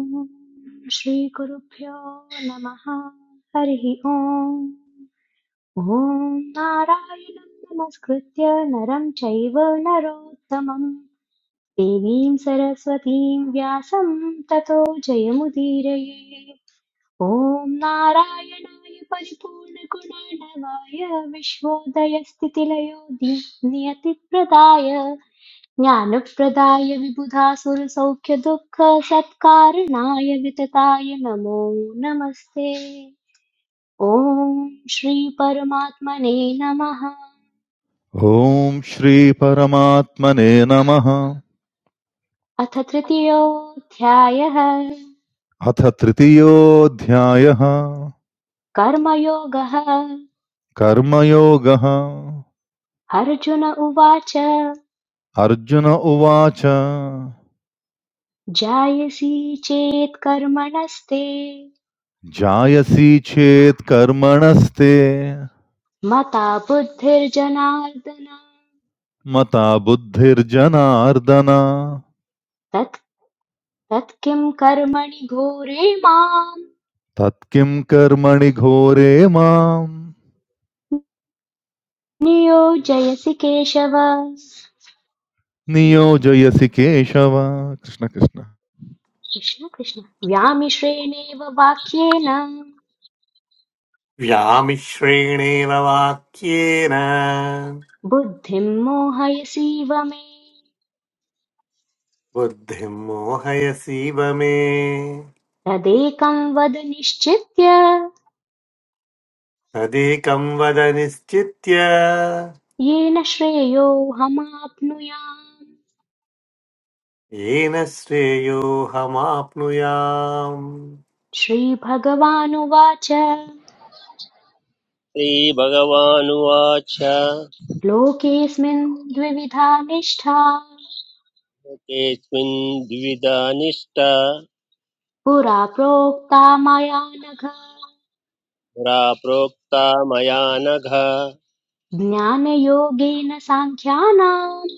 ॐ श्रीगुरुभ्यो नमः हरिः ओम् ॐ नारायणं नमस्कृत्य नरं चैव नरोत्तमं देवीं सरस्वतीं व्यासं ततो जयमुदीरये ॐ नारायणाय परिपूर्णगुणाणवाय विश्वोदयस्थितिलयो दि- नियतिप्रदाय ज्ञानप्रदाय विबुधासुरसौख्यदुःखसत्कारणाय वितताय नमो नमस्ते ॐ श्री परमात्मने नमः Om Shri Paramatmane Namaha अथ तृतीयोऽध्यायः Athatritiyodhyaaha कर्मयोगः Karma Yogaaha अर्जुन उवाच Arjuna Uvacha जायसी चेत् कर्मणस्ते Jayasya Chet Karma Nastey मता बुद्धिर्जनार्दन Mata Buddhir Janardana तत् तत् किं कर्मणि घोरे माम् Tat Kim Karma Ni Ghore Mam नियोजयसि Keshava Niyojayasya Ke Shava Krishna Krishna. Krishna Krishna व्यामिश्रेणेव वाक्येन व्यामिश्रेणेव वाक्येन बुद्धिं मोहयसीव मे बुद्धिम् मोहयसीव मे तदेकं वद निश्चित्य तदेकं वद निश्चित्य येन श्रेयोऽहमाप्नुयाम् येन श्रेयोऽहमाप्नुयाम् श्रीभगवानुवाच श्रीभगवानुवाच लोकेऽस्मिन् द्विविधा निष्ठा एकेऽस्मिन् द्विविधा निष्ठा पुरा प्रोक्ता मया नघ पुरा प्रोक्ता मया नघ ज्ञानयोगेन साङ्ख्यानाम्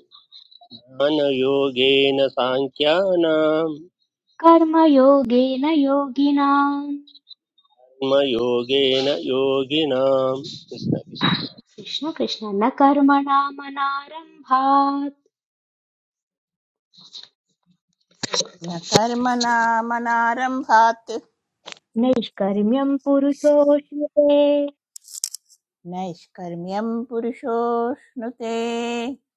ज्ञानयोगेन साङ्ख्यानां कर्मयोगेन योगिनाम् कर्मयोगेन योगिनाम् कृष्णकृष्णायज्ञा कृष्ण कृष्ण न कर्मणामनारम्भात् न कर्मणामनारम्भात् नैष्कर्म्यम् पुरुषोऽश्नुते नैष्कर्म्यं पुरुषोऽश्नुते न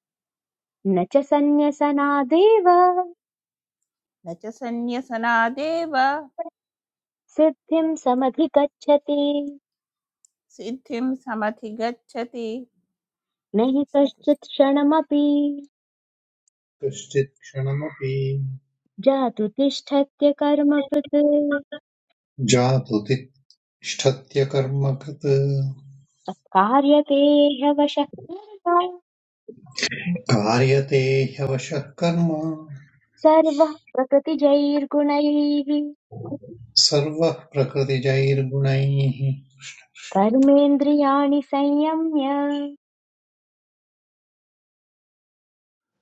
न च सन्न्यसनादेव च सन्न्यसनादेव सिद्धिं समधिगच्छति सिद्धिं समधिगच्छति न हि कश्चित् क्षणमपि कश्चित्क्षणमपि जातु तिष्ठत्य कर्मकृत् जातु तिष्ठत्य कर्मकत् अकार्यते ह्यवशः कर्म कार्यते ह्यवशः कर्म सर्वः प्रकृतिजैर्गुणैः सर्वः प्रकृतिजैर्गुणैः कर्मेन्द्रियाणि संयम्य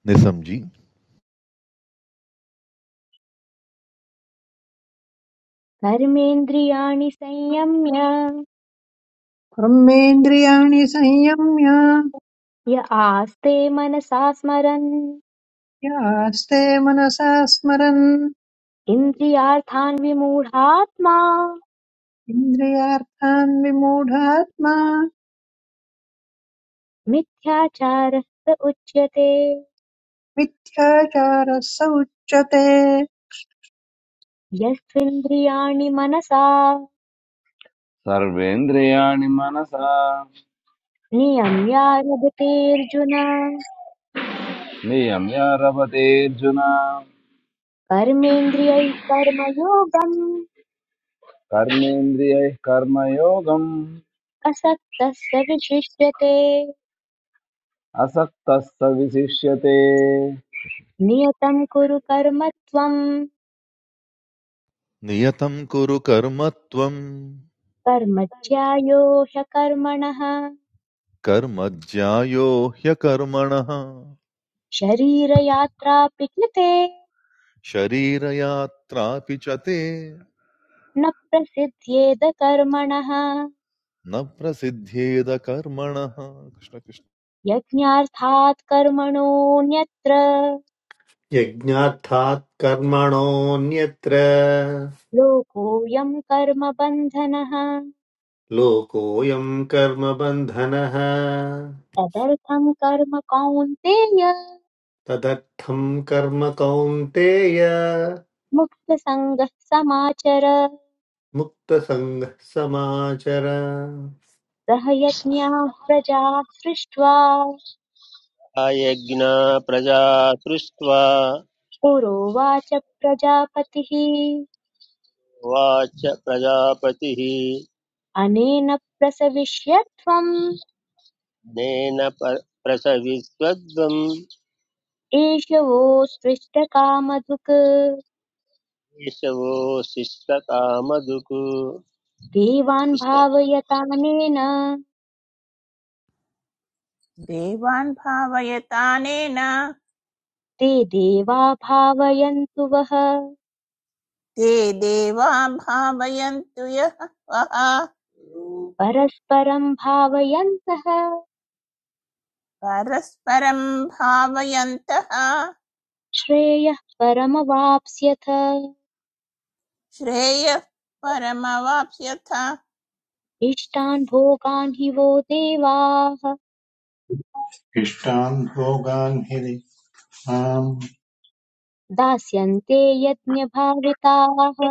निसमझी कर्मेन्द्रियाणि संयम्य कर्मेन्द्रियाणि संयम्य य आस्ते मनसा स्मरन् यास्ते मनसा स्मरन् इन्द्रियार्थान् विमूढात्मा इन्द्रियार्थान् विमूढात्मा मिथ्याचारः स उच्यते मिथ्याचारः स उच्यते यस्त्विन्द्रियाणि मनसा सर्वेन्द्रियाणि मनसा नियम्यारभतेऽर्जुन नियम्य रवतेऽर्जुन कर्मेन्द्रियैः कर्मयोगम् कर्मेन्द्रियैः कर्मयोगम् असक्तः स विशिष्यते असक्तः स विशिष्यते नियतं कुरु कर्म त्वम् नियतम कुरु कर्मत्वम कर्म ज्यायो ह्यकर्मणः कर्मज्ञायो ह्यकर्मणः शरीरयात्राऽप्यक्लिते शरीरयात्रापि च ते न प्रसिद्ध्येद कर्मणः न प्रसिद्ध्येद कर्मणः कृष्ण कृष्ण यज्ञार्थात् कर्मणोऽन्यत्र यज्ञार्थात् कर्मणोऽन्यत्र लोकोऽयं कर्मबन्धनः लोकोऽयम् कर्म तदर्थं कर्म कौन्तेय तदर्थं कर्म कौन्तेय मुक्तसङ्गः समाचर मुक्तसङ्गः समाचर सह यज्ञाः प्रजा सृष्ट्वा प्रजा सृष्ट्वा पुरोवाच प्रजापतिः वाच प्रजापतिः अनेन प्रसविष्यत्वम् नेन प- प्रसविस्वद्वम् एष वो कामधुक् केशवो शिष्टकामधुक् कृष्ण देवान् भावयतानेन देवान् भावयतानेन ते देवा भावयन्तु वः ते देवा भावयन्तु यः वः परस्परं भावयन्तः परस्परं भावयन्तः श्रेयः परमवाप्स्यथ श्रेयः परमवाप्स्यथ इष्टान् भोगान् हि वो देवाः इष्टान् भोगान् हि दिक्माम् दास्यन्ते यज्ञभाविताः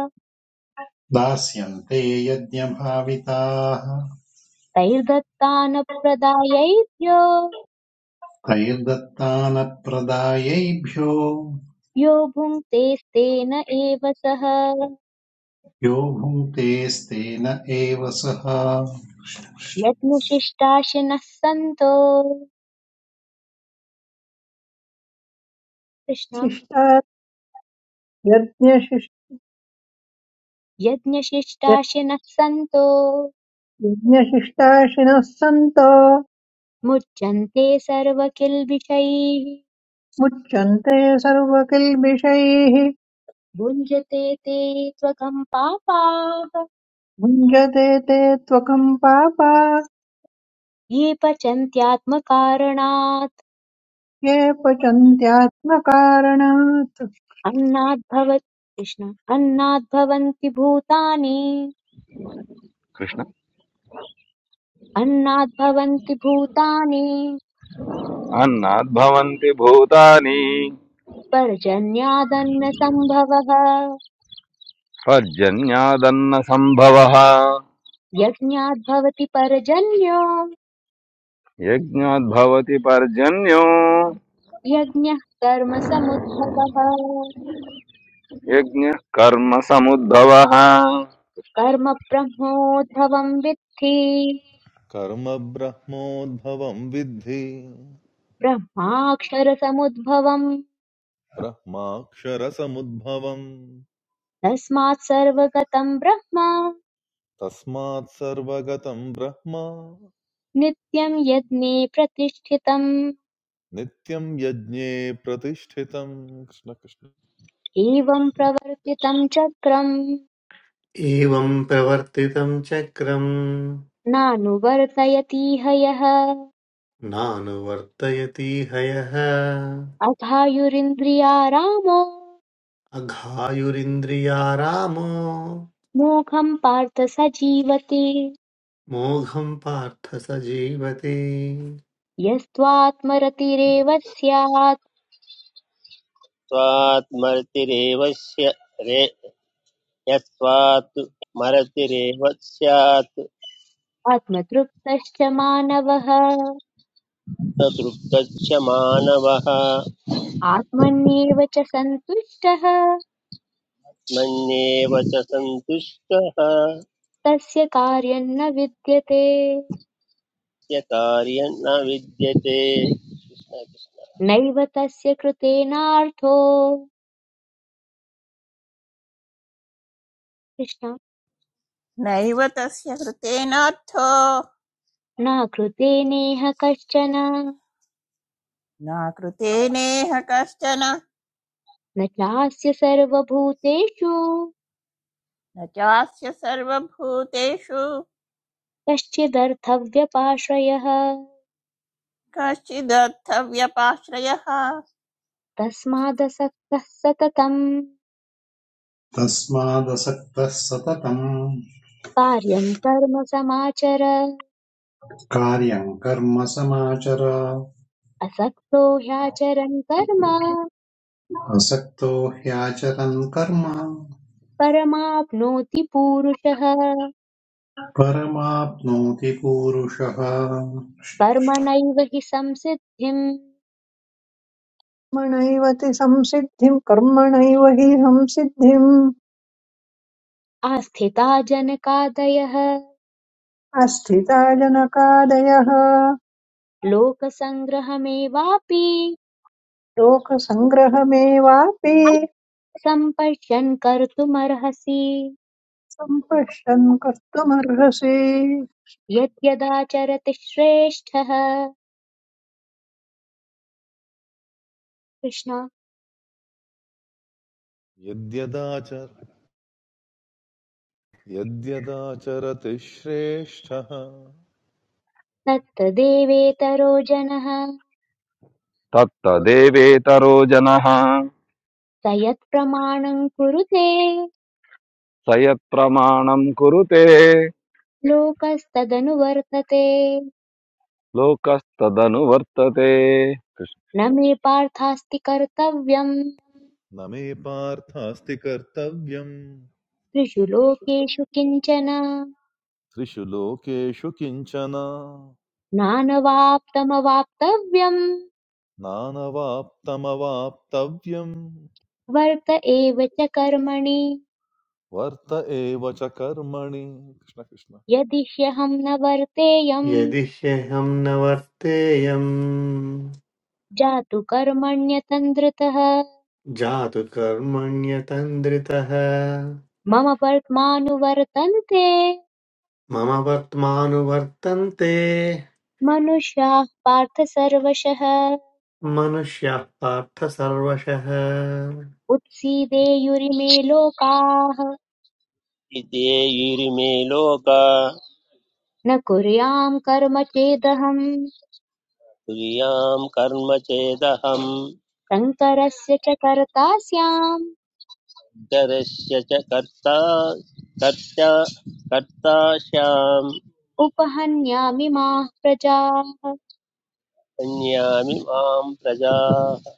दास्यन्ते यज्ञभाविताः तैर्दत्तानप्रदायैभ्यो तैर्दत्तानप्रदायैभ्यो यो भुङ्क्तेस्तेन एव सः यो भुङ्क्तेस्तेन एव सः यज्ञशिष्टाशिनः सन्तो कृष्ण शिष्टा यज्ञशिष्ट- यज्ञशिष्टाशिनः सन्तो यज्ञशिष्टाशिनः सन्तो मुच्यन्ते सर्वकिल्बिषैः मुच्यन्ते सर्वकिल्बिषैः भुञ्जते ते त्वकम् पापाः भुञ्जते ते त्वकम् पापा ये पचन्त्यात्मकारणात् ये पचन्त्यात्मकारणात् अन्नाद्भव कृष्ण अन्नाद्भवन्ति भूतानि कृष्ण अन्नाद्भवन्ति भूतानि अन्नात् भवन्ति भूतानि पर्जन्यादन्नसम्भवः पर्जन्यादन्न सम्भवः यज्ञाद्भवति पर्जन्यो यज्ञात् भवति पर्जन्यो यज्ञः कर्म समुद्भवः यज्ञः कर्म समुद्भवः कर्म ब्रह्मोद्भवं विद्धि कर्म ब्रह्मोद्भवं विद्धि ब्रह्माक्षरसमुद्भवम् ब्रह्माक्षरसमुद्भवम् तस्मात् सर्वगतं ब्रह्म तस्मात् सर्वगतं ब्रह्म नित्यं यज्ञे प्रतिष्ठितम् नित्यं यज्ञे प्रतिष्ठितं कृष्ण कृष्ण एवं प्रवर्तितं चक्रम् एवं प्रवर्तितं चक्रं नानुवर्तयतीह यः नानुवर्तयति हयः अथायुरिन्द्रियारामो अघायुरिन्द्रियारामो मोघं पार्थ स जीवति मोघं पार्थ स जीवति यस्त्वात्मरतिरेव स्यात् यस्त्वात् मर्तिरेव स्य- रे- यस्त्वात् मरतिरेव स्यात् आत्मतृप्तश्च मानवः स मानवः आत्मन्येव च सन्तुष्टः मन्येव च सन्तुष्टः तस्य कार्यं न विद्यते स्य कार्यं न विद्यते नैव तस्य कृतेनार्थो कृष्ण नैव तस्य कृतेनार्थो न कृते नेह कश्चन न कृते नेह कश्चन न चास्य सर्वभूतेषु न चास्य सर्वभूतेषु कश्चिदर्थव्यपाश्रयः कश्चिदर्थव्यपाश्रयः तस्मादसक्तः सततम् तस्मादसक्तः सततम् कार्यं कर्म समाचर कार्यम् कर्म समाचर असक्तो ह्याचरन् कर्म असक्तो ह्याचरन् कर्म परमाप्नोति पूरुषः परमाप्नोति पूरुषः कर्मणैव हि संसिद्धिम् कर्मणैव ति संसिद्धिम् कर्मणैव हि संसिद्धिम् आस्थिता जनकादयः आस्थिता जनकादयः लोकसङ्ग्रहमेवापि लोकसङ्ग्रहमेवापि सम्पश्यन् कर्तुमर्हसि सम्पश्यन् कर्तुमर्हसि यद्यदाचरति श्रेष्ठः कृष्ण यद्यदाचर यद्यदाचरति श्रेष्ठः तत्तदेवेतरो जनः तत्तदेवेतरो जनः स यत्प्रमाणम् कुरुते स यत्प्रमाणम् कुरुते लोकस्तदनुवर्तते लोकस्तदनु वर्तते न मे पार्थास्ति कर्तव्यम् न मे पार्थास्ति कर्तव्यम् त्रिषु लोकेषु किञ्चन त्रिषु लोकेषु किञ्चन नानवाप्तमवाप्तव्यम् नानवाप्तमवाप्तव्यम् वर्त एव च कर्मणि वर्त एव च कर्मणि कृष्ण कृष्ण यदि ह्यहं न वर्तेयम् यदि ह्यहं न वर्तेयम् जातु कर्मण्यतन्द्रतः जातु कर्मण्यतन्द्रितः मम वर्त्मानुवर्तन्ते मम वर्त्मानुवर्तन्ते मनुष्याः पार्थ सर्वशः मनुष्यः पार्थ सर्वशः उत्सीदेयुरिमे लोकाः इत्येयुरिमे लोका न कुर्याम् कर्म चेदहम् तुर्यां कर्म चेदहम् शङ्करस्य च कर्ता स्याम् इतरस्य च कर्ता कर्ता कर्ताश्याम् उपहन्यामि माः प्रजाः अन्यामि मां प्रजाः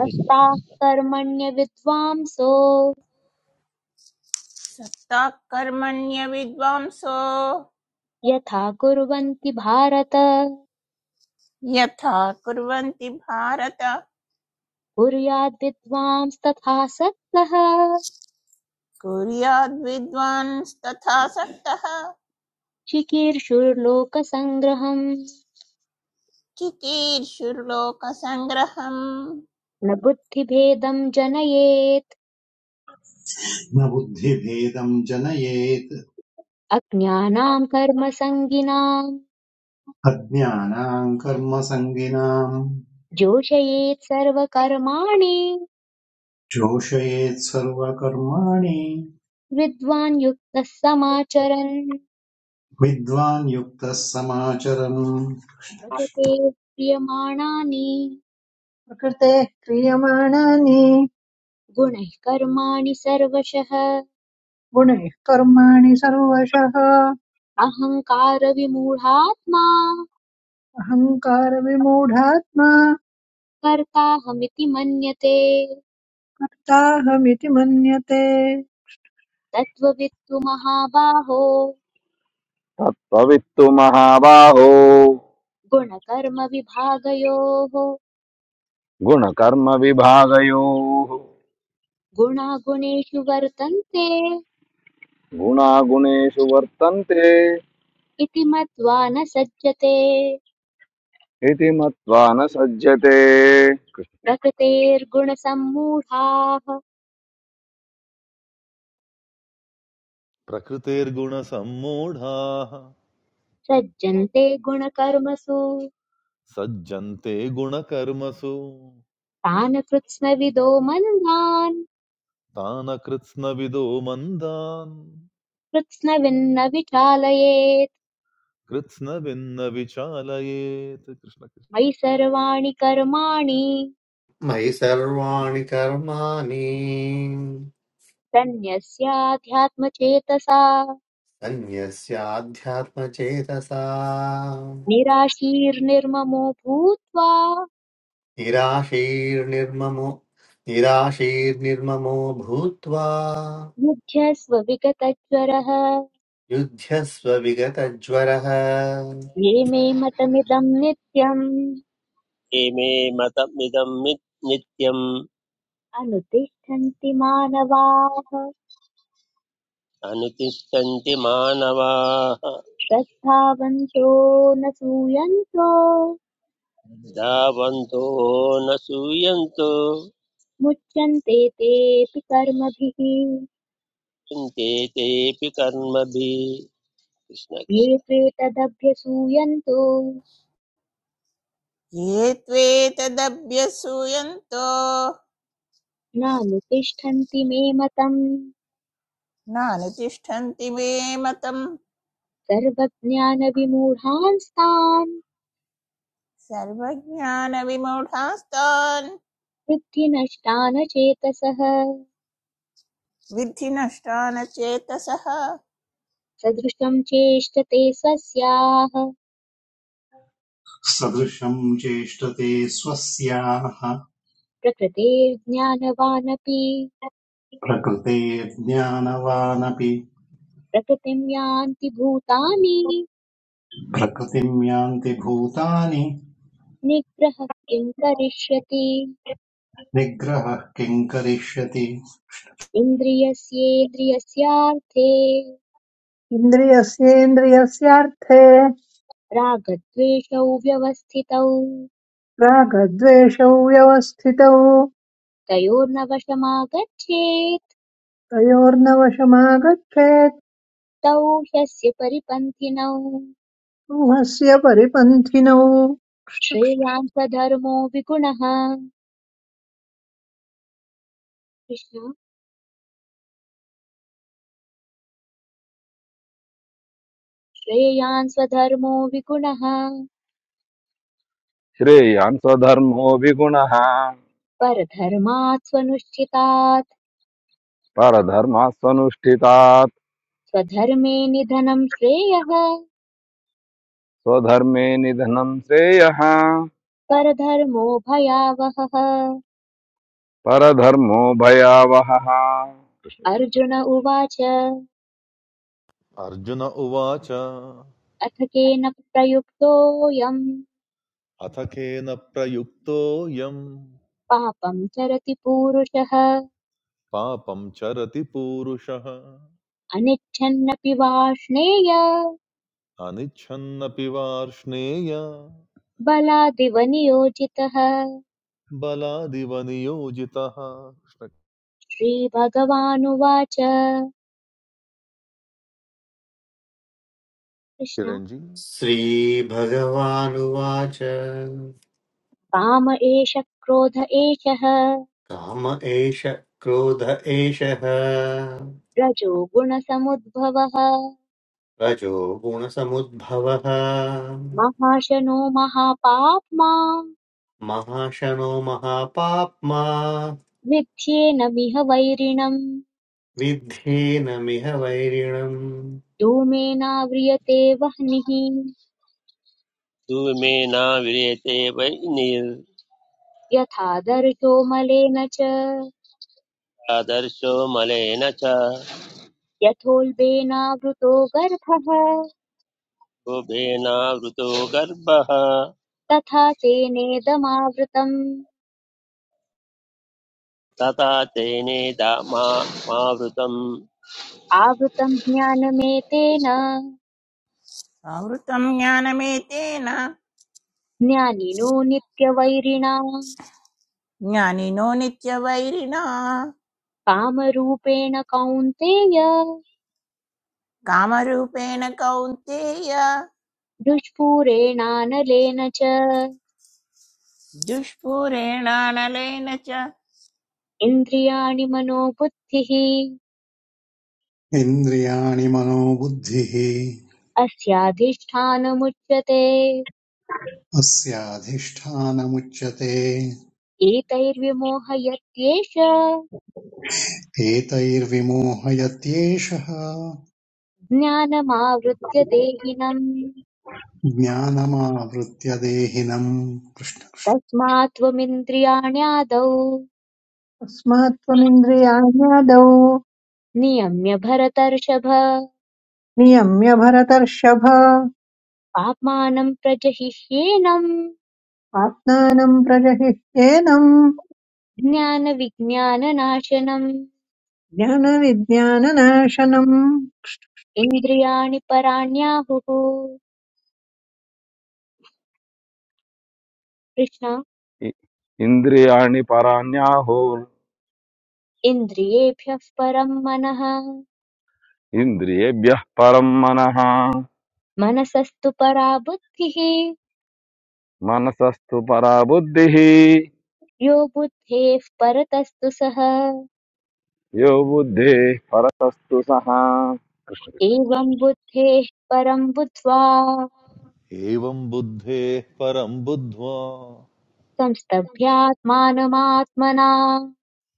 कृष्ण कर्मण्यविद्वांसो सत्ता कर्मण्य विद्वांसो यथा कुर्वन्ति भारत यथा कुर्वन्ति भारत कुर्याद्विद्वांस्तथा सत्तः कुर्याद् विद्वांस्तथा सक्तः चिकीर्षुर्लोकसङ्ग्रहम् चिकीर्षुर्लोकसङ्ग्रहम् न बुद्धिभेदम् जनयेत् न बुद्धिभेदम् जनयेत् अज्ञानाम् कर्मसङ्गिनाम् अज्ञानाम् कर्मसङ्गिनाम् जोषयेत् सर्वकर्माणि जोषयेत् सर्वकर्माणि विद्वान् युक्तः समाचरन् विद्वान् युक्तः समाचरन् प्रकृतेः क्रियमाणानि प्रकृतेः क्रियमाणानि गुणैः कर्माणि सर्वशः गुणैः कर्माणि सर्वशः अहङ्कारविमूढात्मा अहङ्कारविमूढात्मा कर्ताहमिति मन्यते कर्ताहमिति मन्यते तत्त्ववित्तु महाबाहो तत्त्ववित्तु महाबाहो गुणकर्मविभागयोः गुणकर्मविभागयोः गुणागुणेषु वर्तन्ते गुणागुणेषु वर्तन्ते इति मत्वा न सज्जते इति मत्वा न सज्जते प्रकृतेर्गुणसम्मूढाः प्रकृतेर्गुणसम्मूढाः सज्जन्ते गुणकर्मसु सज्जन्ते गुणकर्मसु तान् कृत्स्नविदो मन्दान् तान् कृत्स्नविदो मन्दान् कृत्स्नविन्न विचालयेत् कृत्स्नविन्न विचालयेत् कृष्ण कृष्ण मयि सर्वाणि कर्माणि मयि सर्वाणि कर्माणि तन्यस्याध्यात्मचेतसा अन्यस्याध्यात्मचेतसा निराशीर्निर्ममो भूत्वा निराशीर्निर्ममो निराशीर्निर्ममो भूत्वा मुह्यस्व विगतज्वरः युध्यस्व विगतज्वरः ये मे मतमिदं नित्यम् इमे मतमिदं नित्यम् अनुतिष्ठन्ति मानवाः अनुतिष्ठन्ति मानवाः श्रद्धावन्तो न सूयन्तो धावन्तो न सूयन्तो मुच्यन्ते तेऽपि कर्मभिः चिन्ते तेऽपि कर्मभिः कृष्ण कृष्ण ये त्वेतदभ्यसूयन्तो ये त्वेतदभ्यसूयन्तो नानुतिष्ठन्ति मे मतम् नानुतिष्ठन्ति मे मतम् सर्वज्ञानविमूढांस्तान् सर्वज्ञानविमूढास्तान् वृद्धि नष्टा न चेतसः విద్ధినష్టాన చేతసః सदृशं चेष्टते स्वस्याः सदृशम् चेष्टते स्वस्याः प्रकृतेर्ज्ञानवानपि प्रकृतेर्ज्ञानवानपि प्रकृतिं यान्ति भूतानि प्रकृतिम् यान्ति भूतानि निग्रहः किं करिष्यति निग्रहः किम् करिष्यति इन्द्रियस्येन्द्रियस्यार्थे इन्द्रियस्येन्द्रियस्यार्थे रागद्वेषौ व्यवस्थितौ रागद्वेषौ व्यवस्थितौ तयोर्नवशमागच्छेत् तयोर्नवशमागच्छेत् तौ ह्यस्य परिपन्थिनौ मोहस्य परिपन्थिनौ कृष्ण। श्रेयांसधर्मो विगुणः कृष्ण श्रेयान् स्वधर्मो विगुणः श्रेयान् स्वधर्मो विगुणः परधर्मात् स्वनुष्ठितात् परधर्मात् स्वनुष्ठितात् स्वधर्मे निधनं श्रेयः स्वधर्मे निधनं श्रेयः परधर्मो भयावहः परधर्मो भयावहः अर्जुन उवाच अर्जुन उवाच अथ केन प्रयुक्तोऽयम् अथ केन प्रयुक्तोऽयम् पापं चरति पूरुषः पापं चरति पूरुषः अनिच्छन्नपि वाष्णेय अनिच्छन्नपि वार्ष्णेय बलादिव नियोजितः बलादिव नियोजितः कृष्णकिरञ्जी श्रीभगवानुवाच कृष्ण श्रीभगवानुवाच काम काम एष क्रोध एषः एष क्रोध एषः रजो गुणसमुद्भवः रजो गुणसमुद्भवः महाशनो महापाप्मा महाशनो महापाप्मा मिथ्येनमिह वैरिणम् विद्धेनमिह वैरिणम् धूमेनाव्रियते वह्निः धूमेन विरेते वै यथा दर्शो मलेन च निर्आदर्शो मलेन च यथोल्बेनावृतो गर्भः शुभेनावृतो गर्भः तथा तेनेदमावृतम् तथा तेनेदा मा मावृतम् आवृतम् ज्ञानमेतेन कृष्ण ఆవృతం జ్ఞానమేతేన ज्ञानिनो नित्यवैरिणा జ్ఞానినో నిత్యవైరిణ कामरूपेण कौन्तेय కామరూపేణ కౌంతేయ दुष्पूरेणानलेन च దుష్పూరేణానలేన చ इन्द्रियाणि मनो बुद्धिः इन्द्रियाणि मनो बुद्धिः अस्याधिष्ठानमुच्यते अस्याधिष्ठानमुच्यते एतैर्विमोहयत्येष एतैर्विमोहयत्येषः ज्ञानमावृत्य देहिनम् ज्ञानमावृत्य देहिनम् कृष्ण तस्मात् त्वमिन्द्रियाण्यादौ अस्मात्त्वमिन्द्रियाण्यादौ नियम्य भरतर्षभ नियम्य भरतर्षभ पाप्मानं प्रजहिह्येनम् आत्मानम् प्रजहिह्येनम् ज्ञानविज्ञाननाशनम् ज्ञानविज्ञाननाशनम् इन्द्रियाणि पराण्याहुः कृष्ण इ- इन्द्रियाणि पराण्याहुः इन्द्रियेभ्यः परम् मनः इन्द्रियेभ्यः परं मनः मनसस्तु परा बुद्धिः మనసస్తు పరా బుద్ధి यो बुद्धेः परतस्तु सः యో బుద్ధే పరసస్తు సహా కృష్ణ एवं बुद्धेः परं बुद्ध्वा एवं बुद्धेः परं बुद्ध्वा संस्तभ्यात्मानमात्मना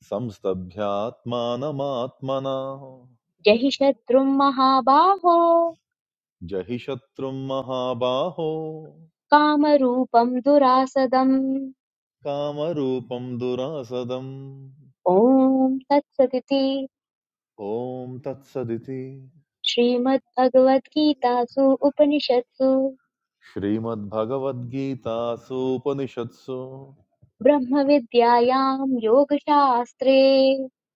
संस्तभ्यात्मानमात्मना जहि शत्रुं महाबाहो जहि शत्रुं महाबाहो कामरूपं दुरासदम् कामरूपं दुरासदम् ॐ तत्सदिति ॐ तत्सदिति श्रीमद्भगवद्गीतासु उपनिषत्सु श्रीमद्भगवद्गीतासूपनिषत्सु ब्रह्मविद्यायां योगशास्त्रे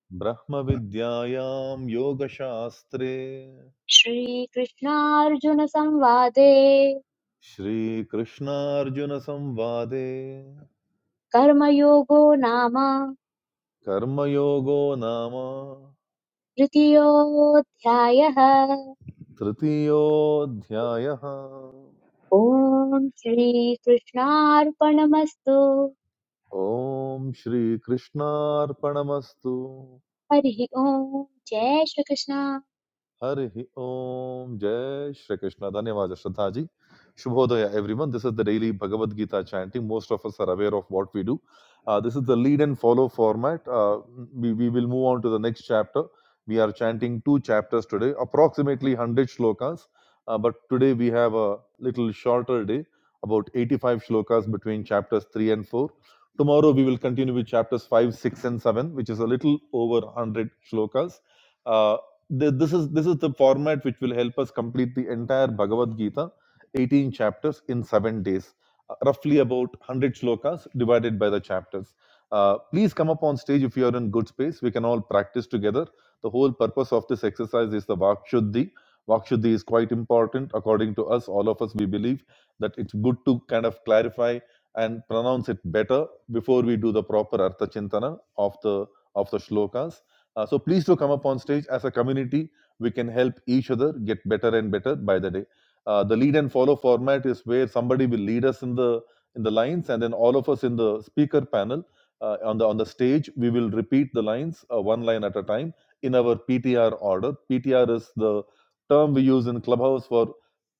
Brahma Vidyaayam Yoga Shastra श्रीकृष्णार्जुनसंवादे Shri Krishna Arjuna Samvade कर्मयोगो नाम Karma Yoga nama तृतीयोऽध्यायः Trtyo Dhyayaam ॐ श्रीकृष्णार्पणमस्तु Om Shri Krishna Arpanastu. हरिः ॐ जय Shri Krishna Hari Om Jai Shri Krishna. धन्यवाद श्रद्धा जी Shubhodaya, everyone. This is the daily Bhagavad Gita chanting. Most of us are aware of what we do. Uh, this is the lead and follow format. Uh, we, we will move on to the next chapter. We are chanting two chapters today, approximately 100 shlokas. Uh, but today we have a little shorter day, about 85 shlokas between chapters 3 and 4. Tomorrow we will continue with chapters 5, 6, and 7, which is a little over 100 shlokas. Uh, Th this is this is the format which will help us complete the entire Bhagavad Gita, 18 chapters in seven days, uh, roughly about 100 shlokas divided by the chapters. Uh, please come up on stage if you are in good space. We can all practice together. The whole purpose of this exercise is the Vakshuddhi. Vakshuddhi is quite important according to us, all of us. We believe that it's good to kind of clarify and pronounce it better before we do the proper Artha Chintana of the of the shlokas uh, so please do come up on stage as a community. We can help each other get better and better by the day. Uh, the lead and follow format is where somebody will lead us in the in the lines, and then all of us in the speaker panel uh, on the on the stage we will repeat the lines uh, one line at a time in our PTR order. PTR is the term we use in Clubhouse for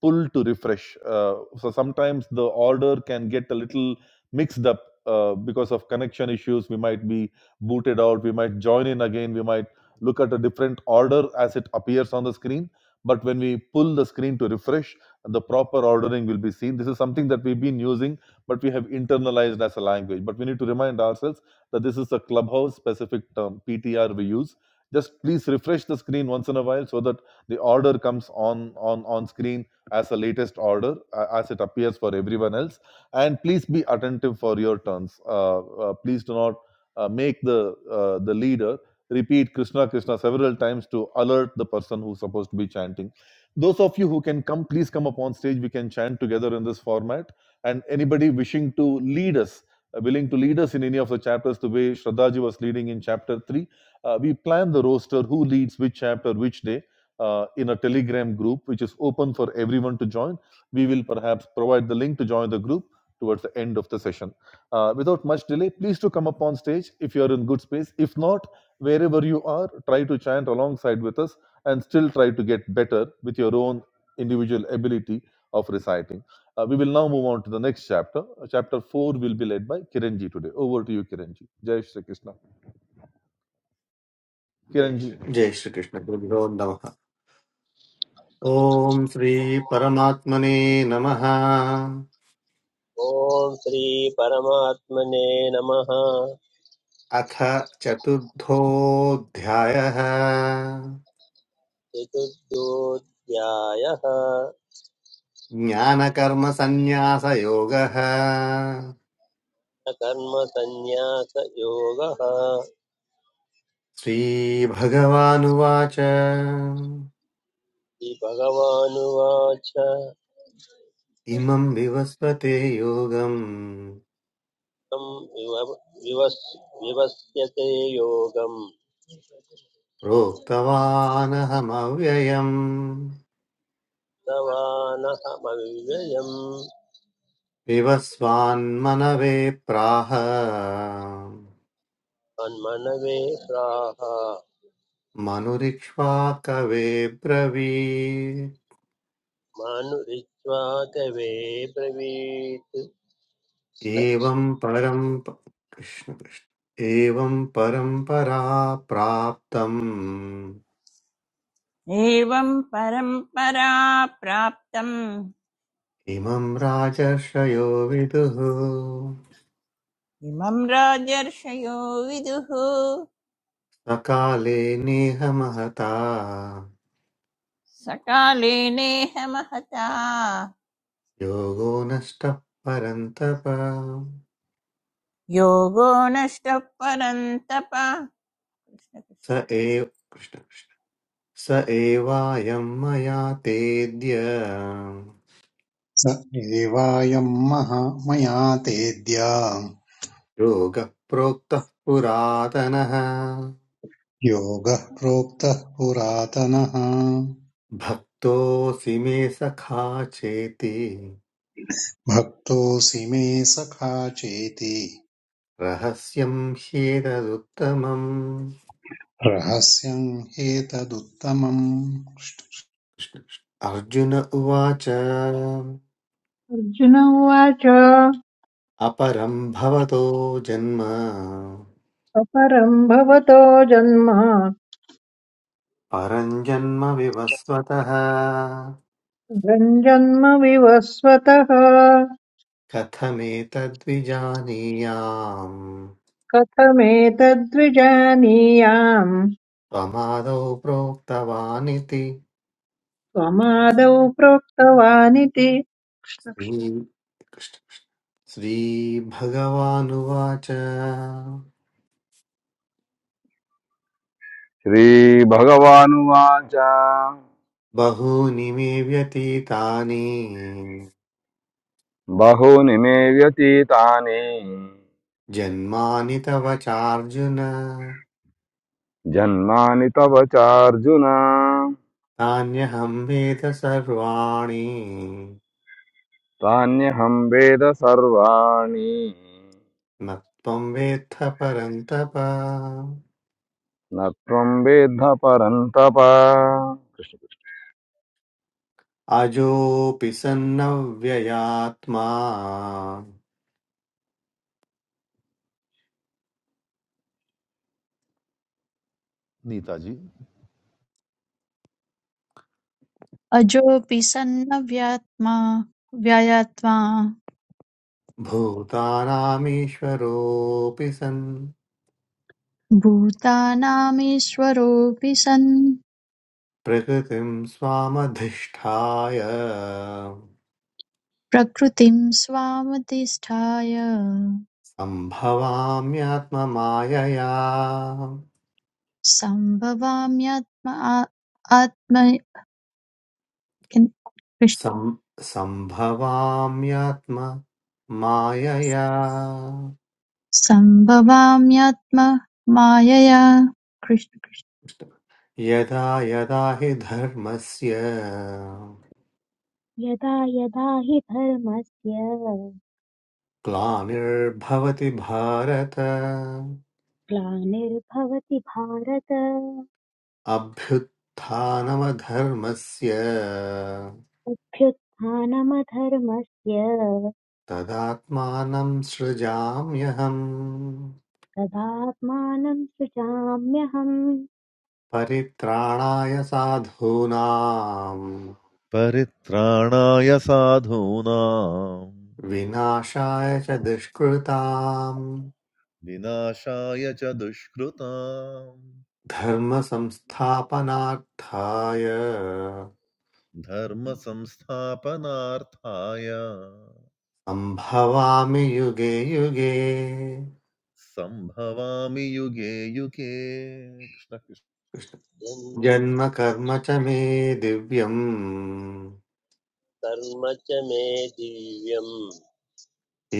pull to refresh. Uh, so sometimes the order can get a little mixed up uh, because of connection issues. We might be boot it out. We might join in again. We might look at a different order as it appears on the screen. But when we pull the screen to refresh, the proper ordering will be seen. This is something that we've been using, but we have internalized as a language. But we need to remind ourselves that this is a clubhouse specific term, PTR we use. Just please refresh the screen once in a while so that the order comes on on on screen as a latest order uh, as it appears for everyone else and please be attentive for your turns uh, uh, please do not uh, make the uh, the leader repeat krishna krishna several times to alert the person who's supposed to be chanting those of you who can come please come up on stage we can chant together in this format and anybody wishing to lead us uh, willing to lead us in any of the chapters the way shraddhaji was leading in chapter 3 uh, we plan the roster who leads which chapter which day uh, in a telegram group which is open for everyone to join we will perhaps provide the link to join the group towards the end of the session uh, without much delay, please to come up on stage if you are in good space. If not, wherever you are, try to chant alongside with us and still try to get better with your own individual ability of reciting. Uh, we will now move on to the next chapter. Uh, Chapter 4 will be led by Kiranji today. Over to you, Kiranji. Jai Shri Krishna. Kiranji, जय श्रीकृष्णगुरुभ्यो नमः ॐ श्रीपरमात्मने नमः ॐ श्री परमात्मने नमः अथ चतुर्थोऽध्यायः चतुर्थोऽध्यायः ज्ञानकर्मसन्न्यासयोगः न कर्मसन्न्यासयोगः इति श्रीभगवानुवाच भगवानुवाच इमं विवस्वते योगम् तं विव विवस् विवस्यते योगं प्रोक्तवानहमव्ययम् तवानहमव्ययम् विवस्वान्मनवे प्राह मन्मनवे प्राह मनुरिक्ष्वा कवे ब्रवीत् मानुरित्वा कवे ब्रवीत् कृष्णकृष्णं एवं परं कृष्ण कृष्ण एवं परम्परा प्राप्तम् ఏవం పరంపరా ప్రాప్తం इमं राजर्षयो विदुः ఇమం రాజర్షయో విదుః सकाले नेह महता సకాలే నేహ మహతా योगो नष्टः परन्तप యోగో నష్ట పరంతప కృష్ణ కృష్ణ. स एव कृष्ण कृष्ण स एवायं मया तेद्य स एवायम् महा मया तेद्य योगः प्रोक्तः पुरातनः योगः प्रोक्तः पुरातनः भक्तोऽसि मे सखा चेति भक्तोऽसि मे सखा चेति रहस्यं ह्येतदुत्तमम् रहस्यम् ह्येतदुत्तमम् कृष्ण- कृष्ण। अर्जुन उवाच अर्जुन उवाच अपरं भवतो जन्म अपरम् भवतो जन्म परं जन्म विवस्वतः परम् जन्म विवस्वतः कथमेतद्विजानीयाम् कथमेतद्विजानीयाम् त्वमादौ प्रोक्तवानिति त्वमादौ प्रोक्तवानिति कृष्णः श्री- कृष्ण- श्रीभगवानुवाच శ్రీ భగవానువాచ बहूनि मे व्यतीतानि బహూని మే వ్యతీతాని जन्मानि तव चार्जुन జన్మాని తవ చార్జున तान्यहं वेद सर्वाणि తాన్యహం వేద సర్వాణి न त्वं वेत्थ परन्तप నత్వం వేద్ధ పరంతప కృష్ణ. अजोऽपि सन्नव्ययात्मा Neetaji. अजोऽपि सन्नव्यात्मा व्ययात्मा भूतानामीश्वरोऽपि सन् भूतानामीश्वरोऽपि सन् प्रकृतिं स्वामधिष्ठाय प्रकृतिं स्वामधिष्ठाय सम्भवाम्यात्ममायया सम्भवाम्यात्म आ- आत्म किं- कृष्ण सं- सम्भवाम्यात्म मायया सम्भवाम्यात्म मायया कृष्ण कृष्ण यदा यदा हि धर्मस्य यदा यदा हि धर्मस्य ग्लानिर्भवति भारत ग्लानिर्भवति भारत अभ्युत्थानमधर्मस्य अभ्युत्थानमधर्मस्य तदात्मानं सृजाम्यहम् तदात्मानं सृजाम्यहम् परित्राणाय साधूनां परित्राणाय साधूनां विनाशाय च दुष्कृताम् विनाशाय च दुष्कृतां धर्मसंस्थापनार्थाय धर्मसंस्थापनार्थाय सम्भवामि युगे युगे Samhavami yuge yuke. कृष्ण जन्म कर्म च मे दिव्यम् कर्म च मे दिव्यं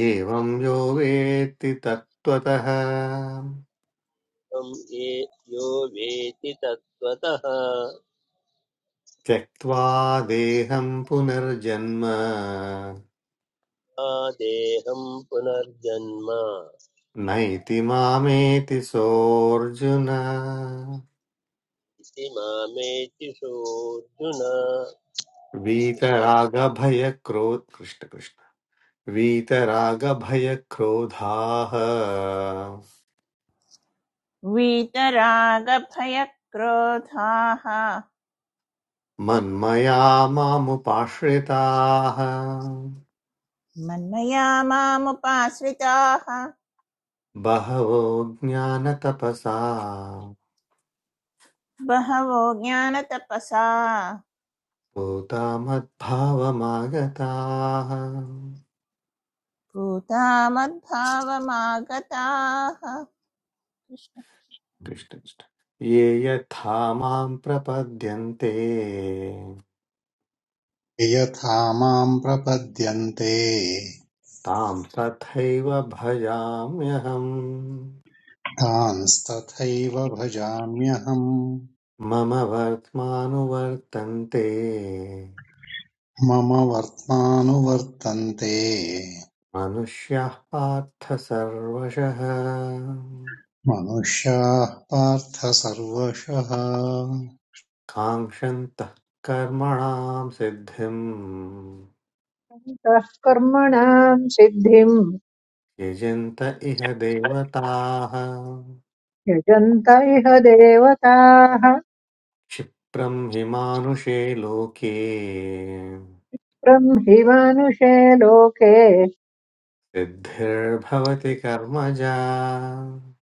एवं यो वेत्ति तत्त्वतः त्वं ये यो वेति तत्त्वतः त्यक्त्वा देहं पुनर्जन्म मा देहं पुनर्जन्म नैति मामेति सोऽर्जुन इति मामेत्युषोऽर्जुन कृष्णकृत्वे वीतरागभयक्रो कृष्ण कृष्ण वीतरागभयक्रोधाः वीतरागभयक्रोधाः मन्मया मामुपाश्रिताः मन्मया मामुपाश्रिताः बहवो ज्ञानतपसा बहवो ज्ञानतपसा भूता मद्भावमागताः भूता मद्भावमागताः कृष्ण। कृष्ण कृष्ण। ये यथा मां प्रपद्यन्ते यथा माम् प्रपद्यन्ते तां तथैव भजाम्यहम् तांस्तथैव भजाम्यहम् मम वर्त्मानुवर्तन्ते मम वर्त्मानुवर्तन्ते मनुष्याः पार्थ सर्वशः मनुष्याः पार्थ सर्वशः काङ्क्षन्तः कर्मणां सिद्धिम् कर्मणाम् सिद्धिम् यजन्त इह देवताः यजन्त इह देवताः क्षिप्रं हि मानुषे लोके ब्रह्मिवानुषे लोके सिद्धिर्भवति कर्मजा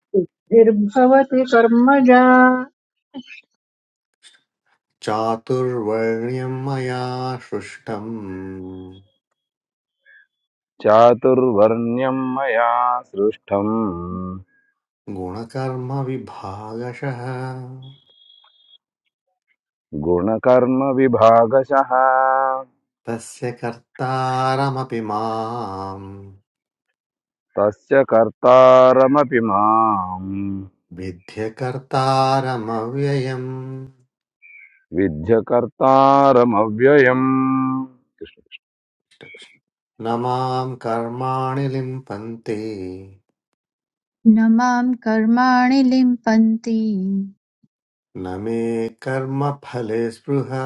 सिद्धिर्भवति कर्मजा चातुर्वर्ण्यं मया सृष्टम् చాతుర్వర్ణ్యం మయా సృష్టం गुणकर्मविभागशः గుణకర్మ విభాగశః तस्य कर्तारमपि माम् तस्य कर्तारमपि माम् विध्यकर्तारमव्ययम् विद्य कर्तारमव्ययम् न माम् कर्माणि लिम्पन्ते न मां कर्माणि लिम्पन्ति न मे कर्मफले स्पृहा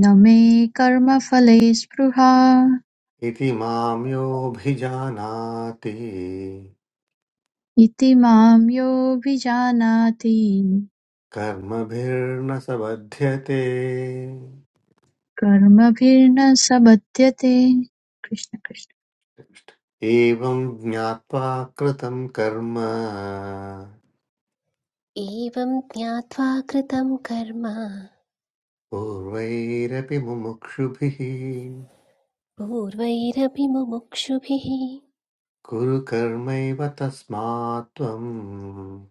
न मे कर्मफले स्पृहा इति माम् योऽभिजानाति इति मां योऽभिजानाति कर्मभिर्न स बध्यते कर्मभिर्न सबध्यते कृष्ण कृष्ण एवम् ज्ञात्वा कृतम् कर्म एवं ज्ञात्वा कृतं कर्म पूर्वैरपि मुमुक्षुभिः पूर्वैरपि मुमुक्षुभिः कुरु कर्मैव तस्मात् त्वम्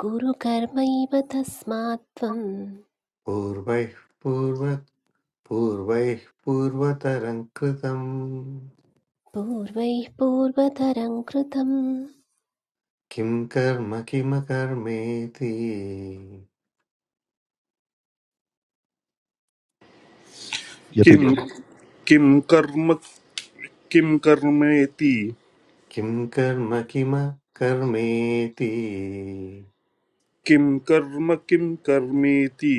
कुरु कर्मैव तस्मात् त्वं पूर्वैः पूर्व पूर्वैः पूर्वतरं कृतं पूर्वैः पूर्वतरं कृतं किं कर्म किमकर्मेति किम Yathajji. किम कर्म किम कर्मेति किं कर्म किमकर्मेति किम कर्म किम कर्मेति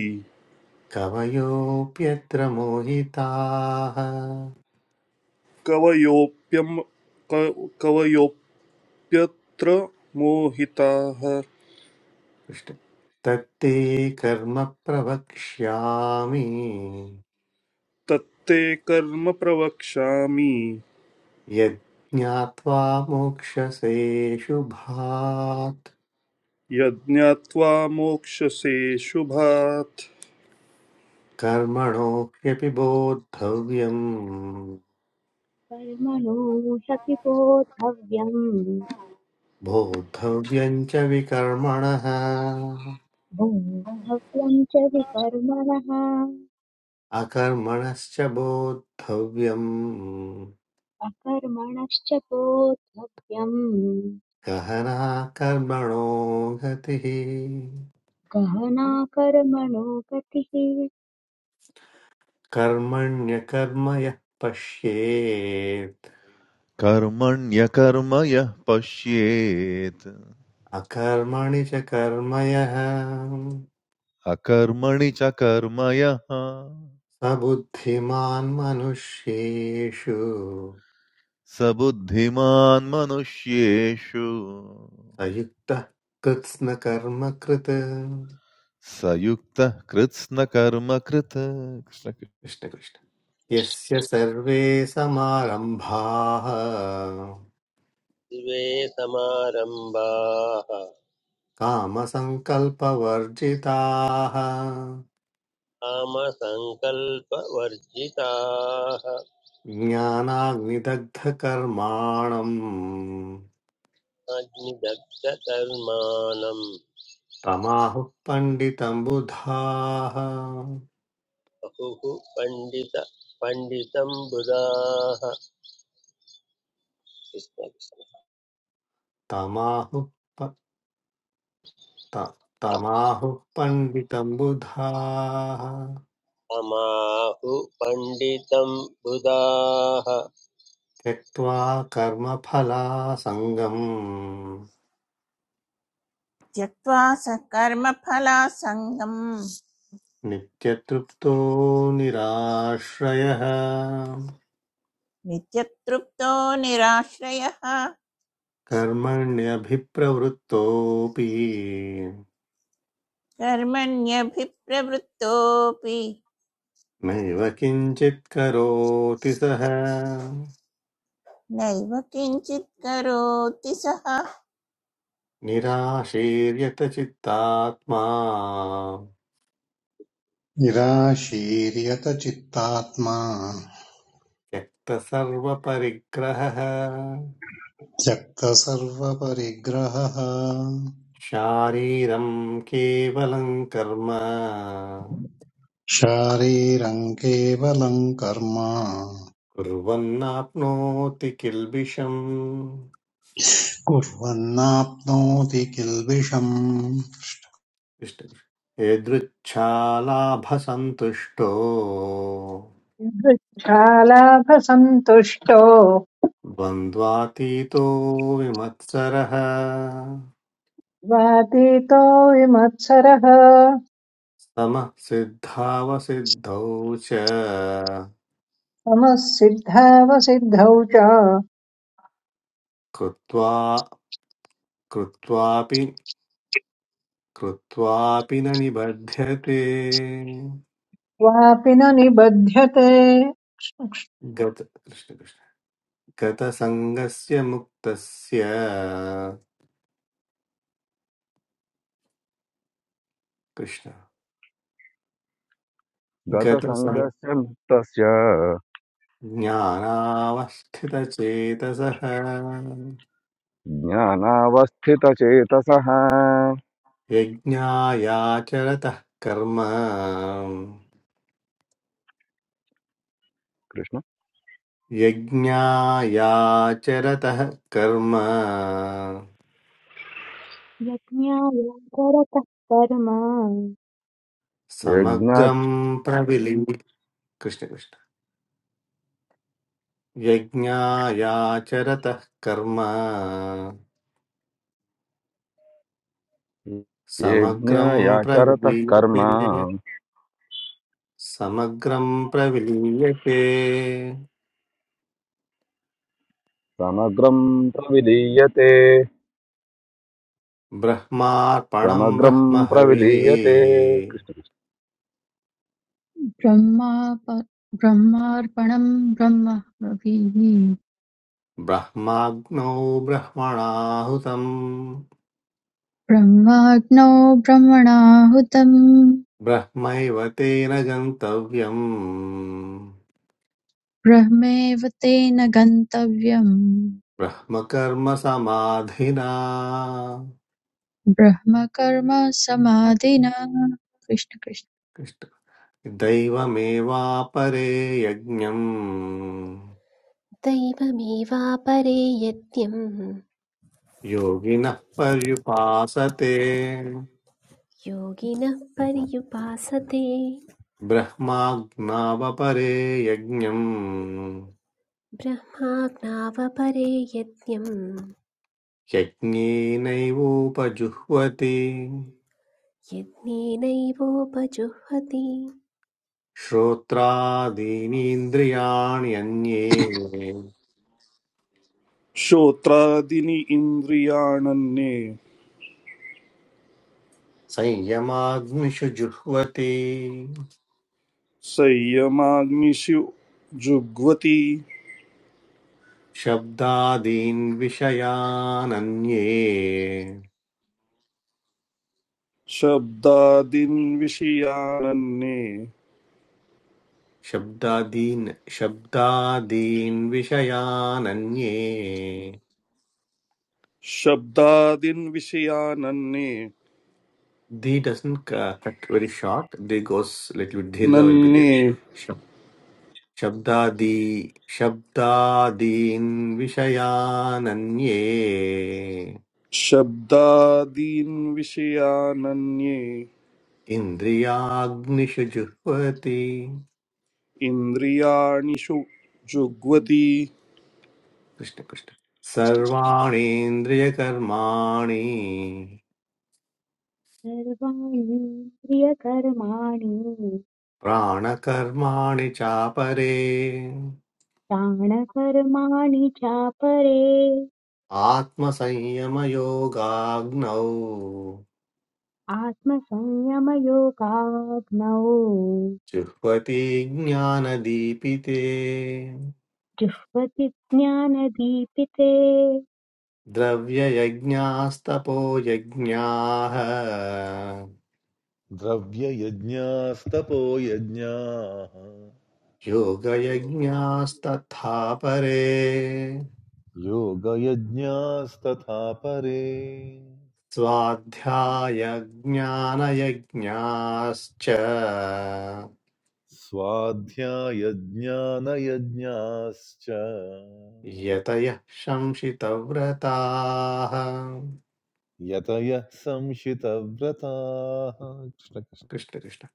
कवयोऽप्यत्र मोहिताः कवयोप्यम क- कवयोप्यत्र मोहिताः कृष्ण तत्ते कर्म प्रवक्ष्यामि तत्ते कर्म प्रवक्ष्यामि यज्ञात्वा मोक्षसे शुभात् यज्ञात्वा मोक्षसे शुभात् कर्मणो ह्यपि बोद्धव्यम् कर्मणो ह्यपि बोद्धव्यम् बोद्धव्यम् च विकर्मणः भोक्तव्यम् च विकर्मणः अकर्मणश्च बोद्धव्यम् अकर्मणश्च बोद्धव्यम् गहना कर्मणो गतिः गहना कर्मणो गतिः कर्मण्यकर्म यः पश्येत् Karma niya karma ya pasheet. अकर्मणि च कर्म यः A karma ni cha karma ya स बुद्धिमान् मनुष्येषु sabuddhiman manushe shu. स युक्तः कृत्स्नकर्म कृत् Sayuktah krutna karma kruta. Krishna Krishna. कृष्णकृष्ण यस्य सर्वे समारम्भाः समारम्भाः कामसङ्कल्पवर्जिताः कामसङ्कल्पवर्जिताः ज्ञानाग्निदग्धकर्माणम् अग्निदग्धकर्माणम् तमाहुः पण्डितम् बुधाः बहुः पण्डित पण्डितं बुधाः कृष्णकृष्ण तमाहुः प- त- तमाहुः पण्डितम् बुधाः अमाहु पण्डितं बुधाः त्यक्त्वा कर्मफलासङ्गम् त्यक्त्वा सकर्मफलासङ्गम् नित्यतृप्तो निराश्रयः नित्यतृप्तो निराश्रयः कर्मण्यभिप्रवृत्तोऽपि कर्मण्यभिप्रवृत्तोऽपि नैव किञ्चित् करोति सः नैव किञ्चित् करोति सः निराशीर्यतचित्तात्मा निराशीर्यतचित्तात्मा त्यक्तसर्वपरिग्रहः त्यक्तसर्वपरिग्रहः शारीरं केवलं कर्म शारीरम् केवलम् कर्म कुर्वन्नाप्नोति किल्बिषम् कुर्वन्नाप्नोति किल्बिषम् कृष्णकृष्ण। यदृच्छालाभसन्तुष्टो दृच्छालाभसन्तुष्टो द्वन्द्वातीतो विमत्सरः वातीतो विमत्सरः समः सिद्धावसिद्धौ च समः सिद्धावसिद्धौ च कृत्वा कृत्वापि कृत्वापि न निबध्यते वापि न निबध्यते गत कृष्णकृष्ण गतसङ्गस्य मुक्तस्य कृष्ण गतसङ्गस्य मुक्तस्य गतसञ्ज्ञानावस्थितचेतसः ज्ञानावस्थितचेतसः यज्ञायाचरतः कर्म कृष्ण यज्ञायाचरतः कर्म यज्ञाय कर्म यज्ञ समग्रं प्रविलीन कृष्ण कृष्ण यज्ञायाचरतः कर्म समग्रं यज्ञयाचरतः कर्म प्रविलीयते समग्रं प्रविलीयते समग्रं प्रविलीयते ब्रह्मार्पणं समग्रं ब्रह्महविः प्रविलीयते कृष्णकृष्ण ब्रह्माप- ब्रह्मार्पणं ब्रह्मभिः ब्रह्माग्नौ ब्रह्मणाहुतम् ब्रह्माग्नौ ब्रह्मणाहुतम् ब्रह्मैव तेन गन्तव्यम् ब्रह्मेव तेन गन्तव्यम् ब्रह्मकर्मसमाधिना ब्रह्म कर्म समाधिना कृष्ण कृष्ण दैवमेवापरे यज्ञम् दैवमेवापरे यज्ञं योगिनः पर्युपासते योगिनः पर्युपासते ब्रह्माज्ञावपरे यज्ञम् ब्रह्माज्ञावपरे यज्ञं यज्ञेनैवोपजुह्वति यज्ञेनैवोपजुह्वति श्रोत्रादीनीन्द्रियाण्यन्ये श्रोत्रादीनि इन्द्रियाणन्ये संयमाग्निषुजुह्वति संयमाग्निषु जुग्वति शब्दादीन् विषयानन्ये शब्दादीन् विषयानन्ये शब्दादीन् शब्दादीन् विषयानन्ये शब्दादीन् विषयानन्ये the doesn't cut very short the goes little bit दीर्घ विल बी देयर नन्ये शब्दादि शब्दादीन् विषयानन्ये शब्दादीन् विषयानन्ये इन्द्रियाग्निषु जुह्वति इन्द्रियाणि षु जुग्वति कृष्ण कृष्ण सर्वाणीन्द्रियकर्माणि सर्वाणीन्द्रियकर्माणि प्राणकर्माणि चापरे प्राणकर्माणि चापरे आत्मसंयमयोगाग्नौ आत्मसंयमयोगाग्नौ जुह्वति ज्ञानदीपिते जुह्वति ज्ञानदीपिते द्रव्ययज्ञास्तपो यज्ञाः Dvaya yadnya sthapo yadnya. योगयज्ञास्तथा परे Yoga yadnya sthatha pare. स्वाध्यायज्ञानयज्ञाश्च स्वाध्यायज्ञानयज्ञाश्च यतयः शंसितव्रताः यतयः संशितव्रताः कृष्ण कृष्ण। कृष्ण कृष्ण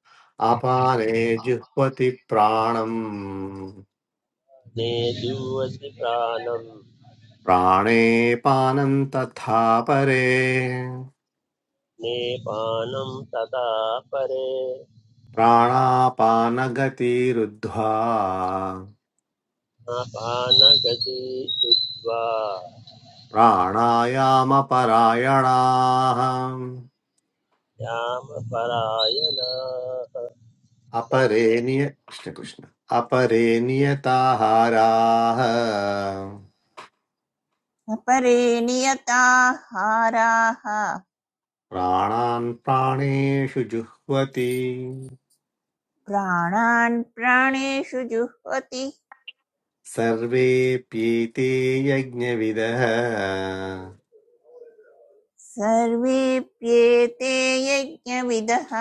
अपाने जुह्वति प्राणम् नेदुवसि प्राणम् प्राणे पानं तथा परे नेपानं तदा परे प्राणापानगतिरुद्ध्वा अपानगति कृत्वा प्राणायामपरायणाः श्यामपरायणाः अपरे निय कृष्ण कृष्ण अपरे नियताहाराः अपरे नियताहाराः प्राणान् प्राणेषु जुह्वति प्राणान् प्राणेषु जुह्वति सर्वेऽप्येते यज्ञविदः सर्वेऽप्येते यज्ञविदः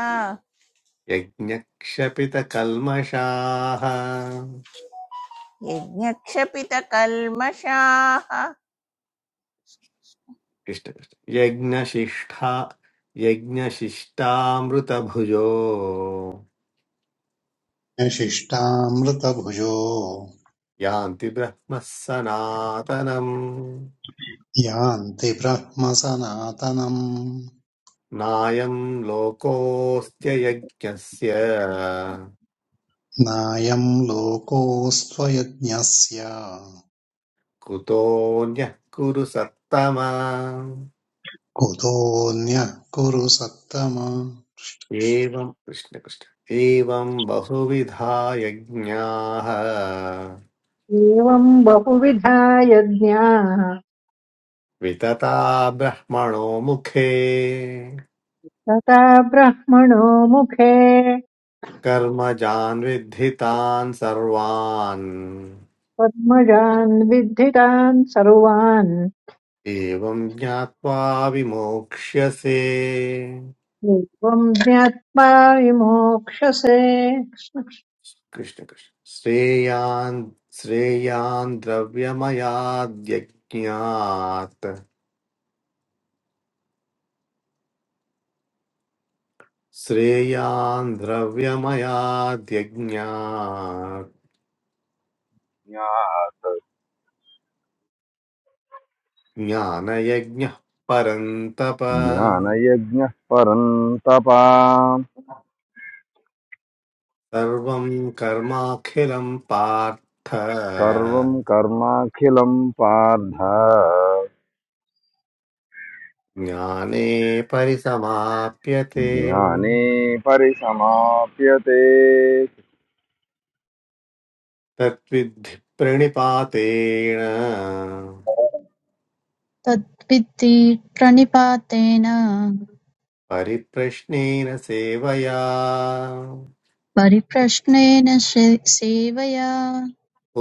यज्ञक्षपितकल्मषाः यज्ञक्षपितकल्मषाः कृष्ण कृष्ण। यज्ञशिष्ठा यज्ञशिष्टामृतभुजो न शिष्टामृतभुजो यान्ति ब्रह्मः सनातनम् यान्ति ब्रह्म सनातनम् नायं लोकोऽस्त्ययज्ञस्य नायम् लोकोऽस्त्वयज्ञस्य कुतोऽन्यः कुरु सत्तमा कुतोऽन्यः कुरु सत्तम एवं कृष्णकृष्ण एवं बहुविधा यज्ञाः एवम् बहुविधा यज्ञाः वितता ब्रह्मणो मुखे तथा ब्रह्मणो मुखे कर्मजान् विद्धितान् सर्वान् पद्मजान् विद्धितान् सर्वान् एवं ज्ञात्वा विमोक्ष्यसे एवं ज्ञात्वा विमोक्ष्यसे कृष्णकृष्ण श्रेयान् श्रेयान् द्रव्यमयाद्यज्ञात् श्रेयान् द्रव्यमयाद्यज्ञात् ज्ञात ज्ञानयज्ञः परन्तप ज्ञानयज्ञः परन्तपा सर्वं कर्माखिलं पार्थ सर्वं कर्माखिलं पार्थ ज्ञाने परिसमाप्यते ज्ञाने परिसमाप्यते तत्विद्धि प्रणिपातेन कृष्ण तद्विद्धि प्रणिपातेन परिप्रश्नेन सेवया परिप्रश्नेन से- सेवया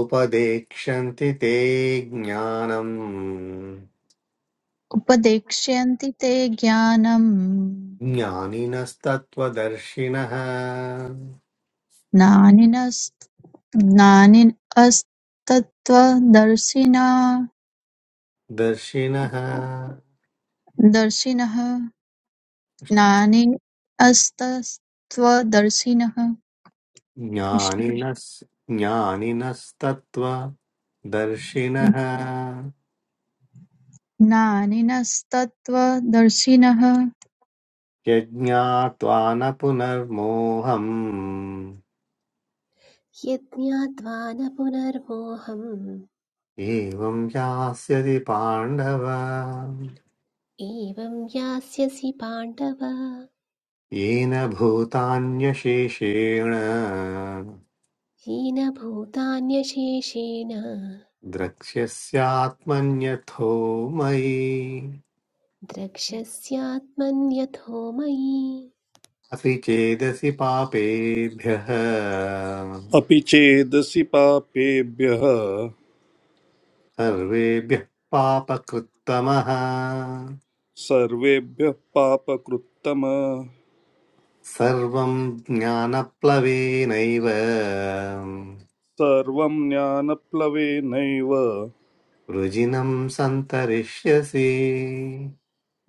उपदेक्षन्ति ते ज्ञानम् उपदेक्ष्यन्ति ते ज्ञानम् ज्ञानिनस्तत्त्वदर्शिनः नानिनस्तत्त्वदर्शिनः दर्शिनः नानिनस्तत्त्वदर्शिनः कृष्ण ज्ञानिनस् ज्ञानिनस्तत्त्व दर्शिनः नानिनस्तत्त्वदर्शिनः यज्ञात्वा न पुनर्मोहम् यज्ञात्वा न पुनर्मोहम् एवं यास्यति पाण्डव एवं यास्यसि पाण्डव येन भूतान्यशेषेण हीनभूतान्यशेषेण द्रक्ष्यस्यात्मन्यथो मयि द्रक्ष्यस्यात्मन्यथो मयि अपि चेदसि पापेभ्यः अपि चेदसि पापेभ्यः सर्वेभ्यः पापकृत्तमः सर्वेभ्यः पापकृत्तम सर्वं ज्ञानप्लवेनैव सर्वं ज्ञानप्लवेनैव वृजिनं सन्तरिष्यसि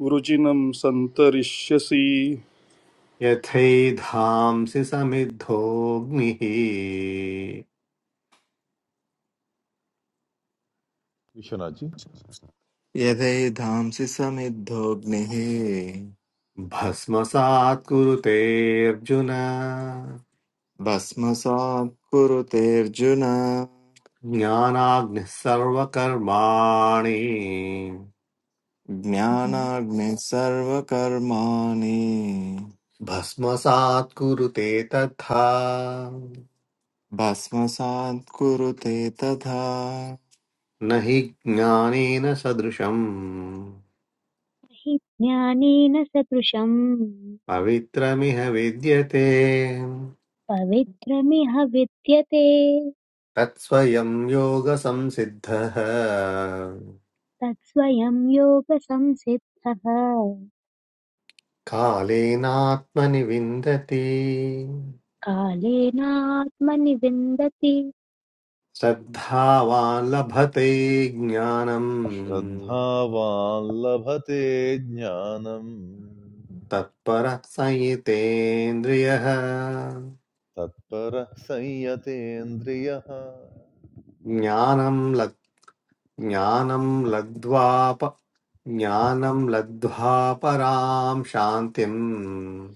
वृजिनं सन्तरिष्यसि यथैधांसि समिद्धोऽग्निः विश्वनाथ जी यथैधांसि समिद्धोऽग्निः भस्मसात् कुरुतेऽर्जुन भस्मसात् कुरुतेऽर्जुन ज्ञानाग्निः सर्वकर्माणि ज्ञानाग्निः सर्वकर्माणि भस्मसात् कुरुते तथा भस्मसात् कुरुते तथा न हि ज्ञानेन सदृशम् हि ज्ञानेन सदृशम् पवित्रमिह विद्यते पवित्रमिह विद्यते तत्स्वयं योगसंसिद्धः तत्स्वयं योगसंसिद्धः कालेनात्मनि विन्दति कालेनात्मनि विन्दति श्रद्धावान् लभते ज्ञानम् श्रद्धावान् लभते ज्ञानम् तत्परः संयितेन्द्रियः तत्परः संयतेन्द्रियः ज्ञानं लग् ज्ञानं लब्ध्वाप ज्ञानं लब्ध्वा परां शान्तिम्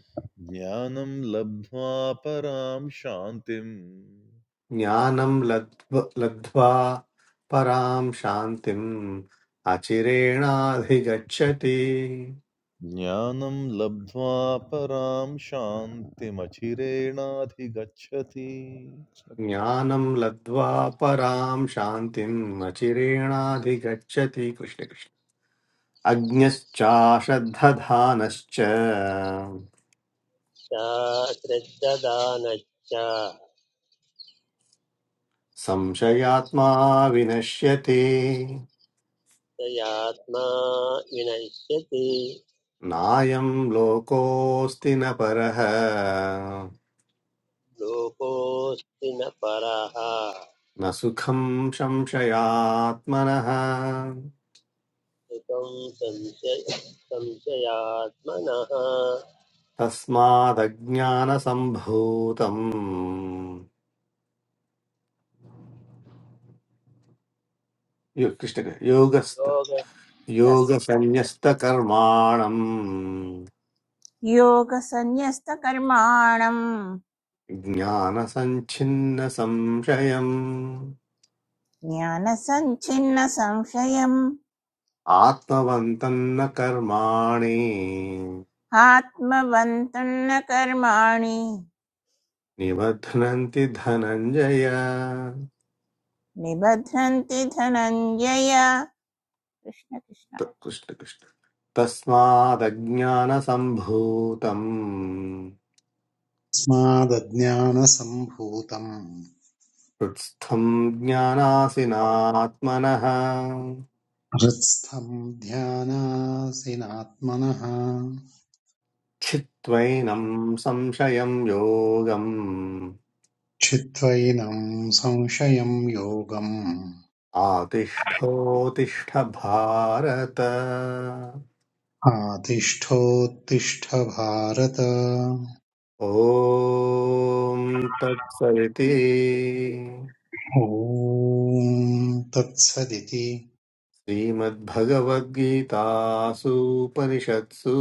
ज्ञानं लब्ध्वा परां शान्तिम् ज्ञानं लब्ध्व लब्ध्वा परां शान्तिम् अचिरेणाधिगच्छति ज्ञानं लब्ध्वा परां शान्तिमचिरेणाधिगच्छति ज्ञानं लब्ध्वा परां शान्तिम् अचिरेणाधिगच्छति कृष्णकृष्ण अज्ञश्चाश्रद्धधानश्च शास्त्रदानश्च संशयात्मा विनश्यति तयात्मा विनश्यति नायं लोकोऽस्ति न परः लोकोऽस्ति न परः न सुखं संशयात्मनः सुखं संशय संशयात्मनः तस्मादज्ञानसम्भूतम् यो कृष्ण योगस्त योग Yes, yes, yes. योगसंन्यस्तकर्माणम् योगसन्न्यस्तकर्माणम् ज्ञानसञ्छिन्नसंशयम् ज्ञानसञ्छिन्नसंशयम् आत्मवन्तम् न कर्माणि आत्मवन्तम् न कर्माणि निबध्नन्ति धनञ्जय निबध्नन्ति धनञ्जय कृष्ण कृष्ण त- कृष्ण कृष्ण तस्मादज्ञानसम्भूतम् स्मादज्ञानसम्भूतम् हृत्स्थम् ज्ञानासिनात्मनः हृत्स्थम् ध्यानासिनात्मनः छित्त्वैनं संशयं योगम् चित्वैनम् संशयम् योगम् आतिष्ठोतिष्ठ भारत आतिष्ठोत्तिष्ठ भारत ॐ तत्सदिति ॐ तत्सदिति श्रीमद्भगवद्गीतासूपनिषत्सु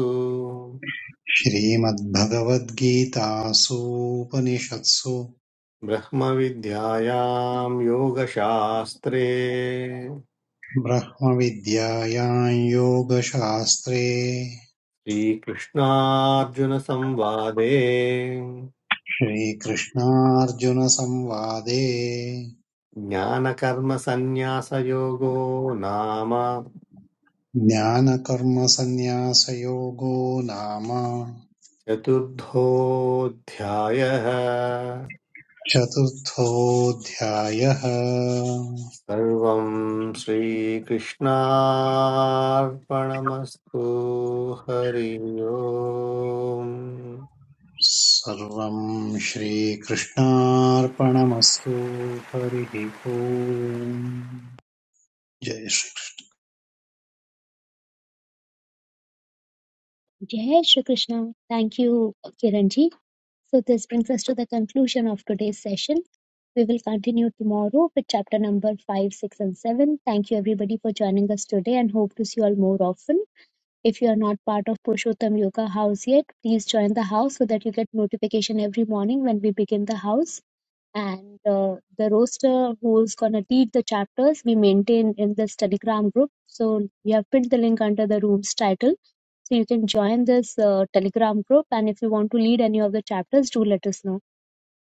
श्रीमद्भगवद्गीतासूपनिषत्सु ब्रह्मविद्यायां योगशास्त्रे ब्रह्मविद्यायां योगशास्त्रे श्रीकृष्णार्जुनसंवादे श्रीकृष्णार्जुनसंवादे ज्ञानकर्मसन्न्यासयोगो नाम ज्ञानकर्मसन्न्यासयोगो नाम चतुर्थोऽध्यायः चतुर्थोऽध्यायः सर्वम् श्रीकृष्णार्पणमस्तु हरि ओम् सर्वं श्रीकृष्णार्पणमस्तु हरिः ओम् जय Shri Jai Shri krishna thank you Kiranji. so this brings us to the conclusion of today's session we will continue tomorrow with chapter number 5 6 and 7 thank you everybody for joining us today and hope to see you all more often if you are not part of purushottam yoga house yet please join the house so that you get notification every morning when we begin the house and uh, the roster who's gonna lead the chapters we maintain in the Telegram group. So we have pinned the link under the room's title. So you can join this uh, Telegram group, and if you want to lead any of the chapters, do let us know.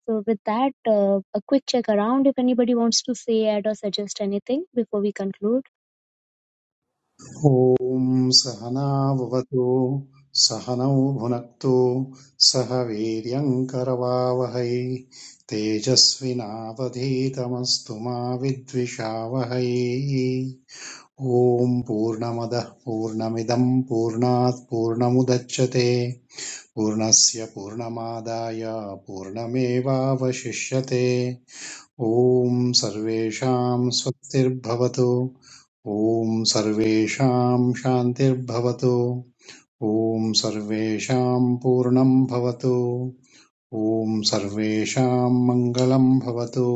So with that, uh, a quick check around if anybody wants to say, add, or suggest anything before we conclude. ॐ सहनाववतु सहनौ भुनक्तु सह वीर्यम् करवावहै तेजस्विनावधीतमस्तु मा विद्विषावहै ॐ पूर्णमदः पूर्णमिदम् पूर्णात् पूर्णमुदच्यते पूर्णस्य पूर्णमादाय पूर्णमेवावशिष्यते ॐ सर्वेषां स्वस्तिर्भवतु ॐ सर्वेषां शान्तिर्भवतु ॐ सर्वेषां पूर्णं भवतु ॐ सर्वेषां मङ्गलं भवतु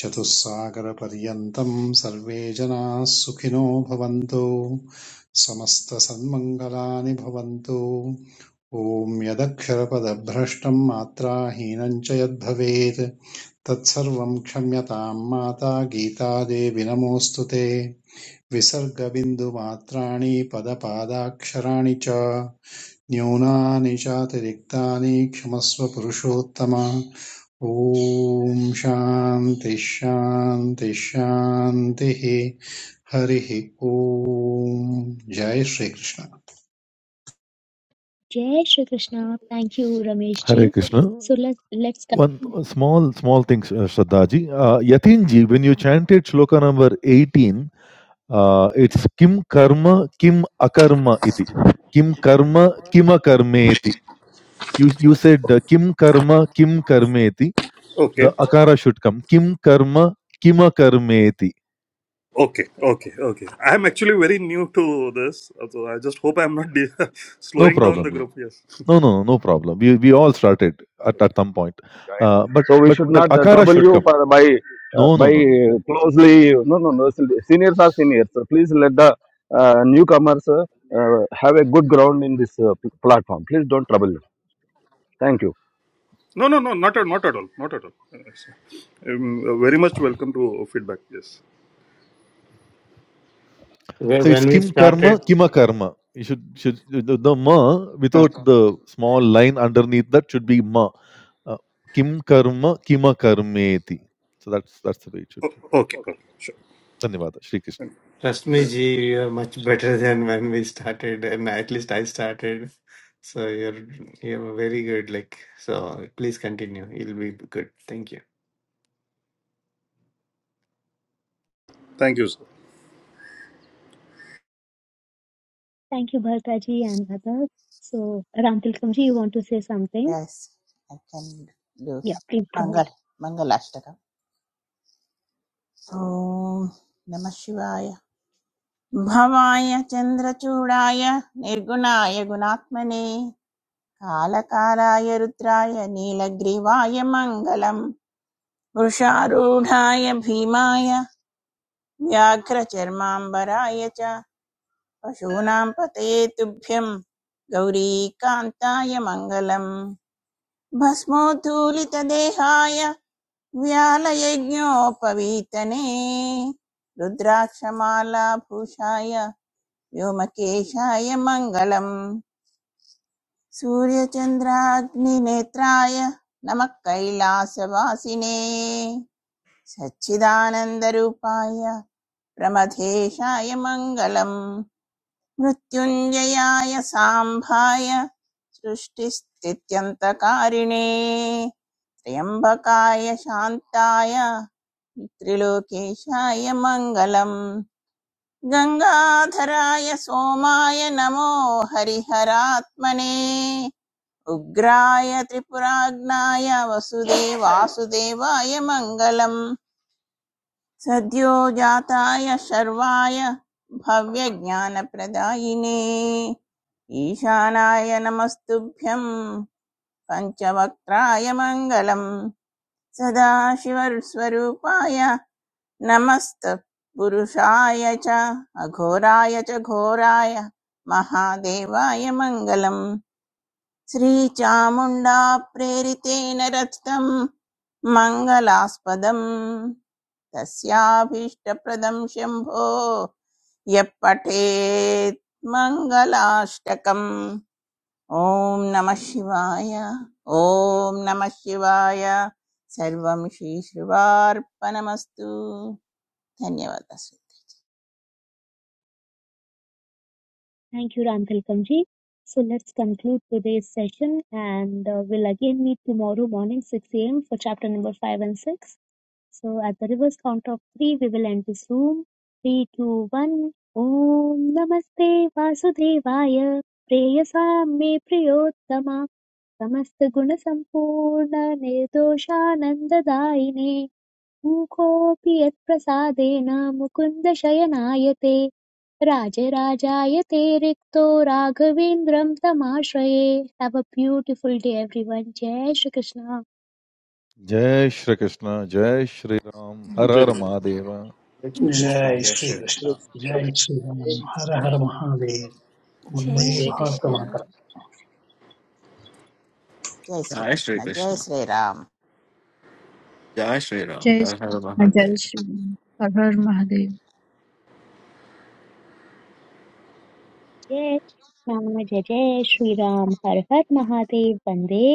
चतुस्सागरपर्यन्तं सर्वे जनाः सुखिनो भवन्तु समस्तसन्मङ्गलानि भवन्तु ॐ यदक्षरपदभ्रष्टं मात्राहीनं च यद्भवेत् तत्सर्वं क्षम्यतां माता गीतादेवि नमोऽस्तु ते विसर्गबिन्दुमात्राणि पदपादाक्षराणि च न्यूनानि चातिरिक्तानि क्षमस्व पुरुषोत्तम ॐ शान्ति शान्ति शान्तिः हरिः ॐ जय Shri Krishna Jai Shri Krishna. Thank you, Ramesh हरे ji. So let's let's One continue. uh, small, small thing, uh, Shraddhaji. Uh, Yatinji, when you chanted shloka number 18, uh, it's kim karma, kim akarma iti. Kim karma, kim akarmeti. You, you said uh, kim karma, kim karmeti. Okay The akara should come. Kim karma, kim akarmeti. Okay, okay, okay. I'm actually very new to this, so I just hope I'm not de- No slowing down the problem. group. Yes. No, no, no, no problem. We, we all started at, at some point. Join. Uh, but So we should but that not uh, akara trouble should you come. for uh, by uh, No, no, by no. no. closely. No, no, no. Seniors are seniors. So please let the uh, newcomers uh, have a good ground in this uh, pl- platform. Please don't trouble you. Thank you. No, no, no, not at, not at all, not at all. It's, um, very much welcome to feedback. Yes. Wh- So it's When we kim karma, started, kima karma. You should should the, the ma Uh, without the small line underneath that should be ma. Uh, kim karma, kima karmeti. So that's that's the way it should o- go. okay, okay, sure. Dhanyavada. Shri Krishna. trust me, Ji, you are much better than when we started, and at least I started. So you're you're very good. Like so, please continue. It'll be good. Thank you. Thank you, sir. Thank you, Bharata ji and others. So Ram Tilakam ji, you want to say something? Yes I can do Yeah, please go ahead. मङ्गल मङ्गलाष्टकम् ॐ नमः शिवाय भवाय चन्द्रचूडाय निर्गुणाय गुणात्मने कालकालाय रुद्राय नीलग्रीवाय मङ्गलम् वृषारूढाय भीमाय व्याघ्रचर्माम्बराय च पशूनां पतये तुभ्यं गौरीकान्ताय मङ्गलम् भस्मोद्धूलितदेहाय व्यालयज्ञोपवीतने रुद्राक्षमालाभूषाय व्योमकेशाय मङ्गलम् सूर्यचन्द्राग्निनेत्राय नमः कैलासवासिने सच्चिदानन्दरूपाय प्रमथेशाय मङ्गलम् मृत्युञ्जयाय साम्भाय सृष्टिस्थित्यन्तकारिणे त्र्यम्बकाय शान्ताय त्रिलोकेशाय मङ्गलम् गंगाधराय सोमाय नमो हरिहरात्मने उग्राय त्रिपुराग्नाय वसुदेवासुदेवाय मङ्गलम् जाताय शर्वाय भव्य ज्ञान भव्यज्ञानप्रदायिने ईशानाय नमस्तुभ्यं पञ्चवक्त्राय मङ्गलम् सदाशिवस्वरूपाय नमस्तपुरुषाय च अघोराय च घोराय महादेवाय मङ्गलम् श्रीचामुण्डा प्रेरितेन रचितम् मङ्गलास्पदम् तस्याभीष्टप्रदम् शम्भो यः पठेत् मङ्गलाष्टकम् ॐ नमः शिवाय ॐ नमः शिवाय सर्वं श्रीश्रिवार्पणमस्तु धन्यवादः Thank you, Ram Tilkamji. So let's conclude today's session and uh, we'll again meet tomorrow morning 6 a.m. for chapter number 5 and 6. So at the reverse count of 3, we will end this room. Three, two, one. Om Namaste Vasudevaya Preyasa Me Priyottama Samasta Guna Sampurna Nirdoshananda Daine मूकोऽपि यत्प्रसादेन मुकुन्दशयनाय शयनायते राजराजाय ते रिक्तो राघवेन्द्रं तमाश्रये have a beautiful day everyone जय Shri Krishna Jai Shri Krishna. Jai Shri Ram. Har Har Yes. Mahadeva. Jai Shri Krishna. जय Jai Shri Shri Ram. Krishna जय श्री राम हर हर महादेव जय वंदे वन्दे भारत श्रीकृष्ण मातरम। जय श्री जय श्री कृष्ण जय श्रीकृष्ण श्री राम जय श्रीराम जय हर हर श्री जय महादेव श्री हर हर महादेव जय राम जय जय श्रीराम हर हर महादेव वन्दे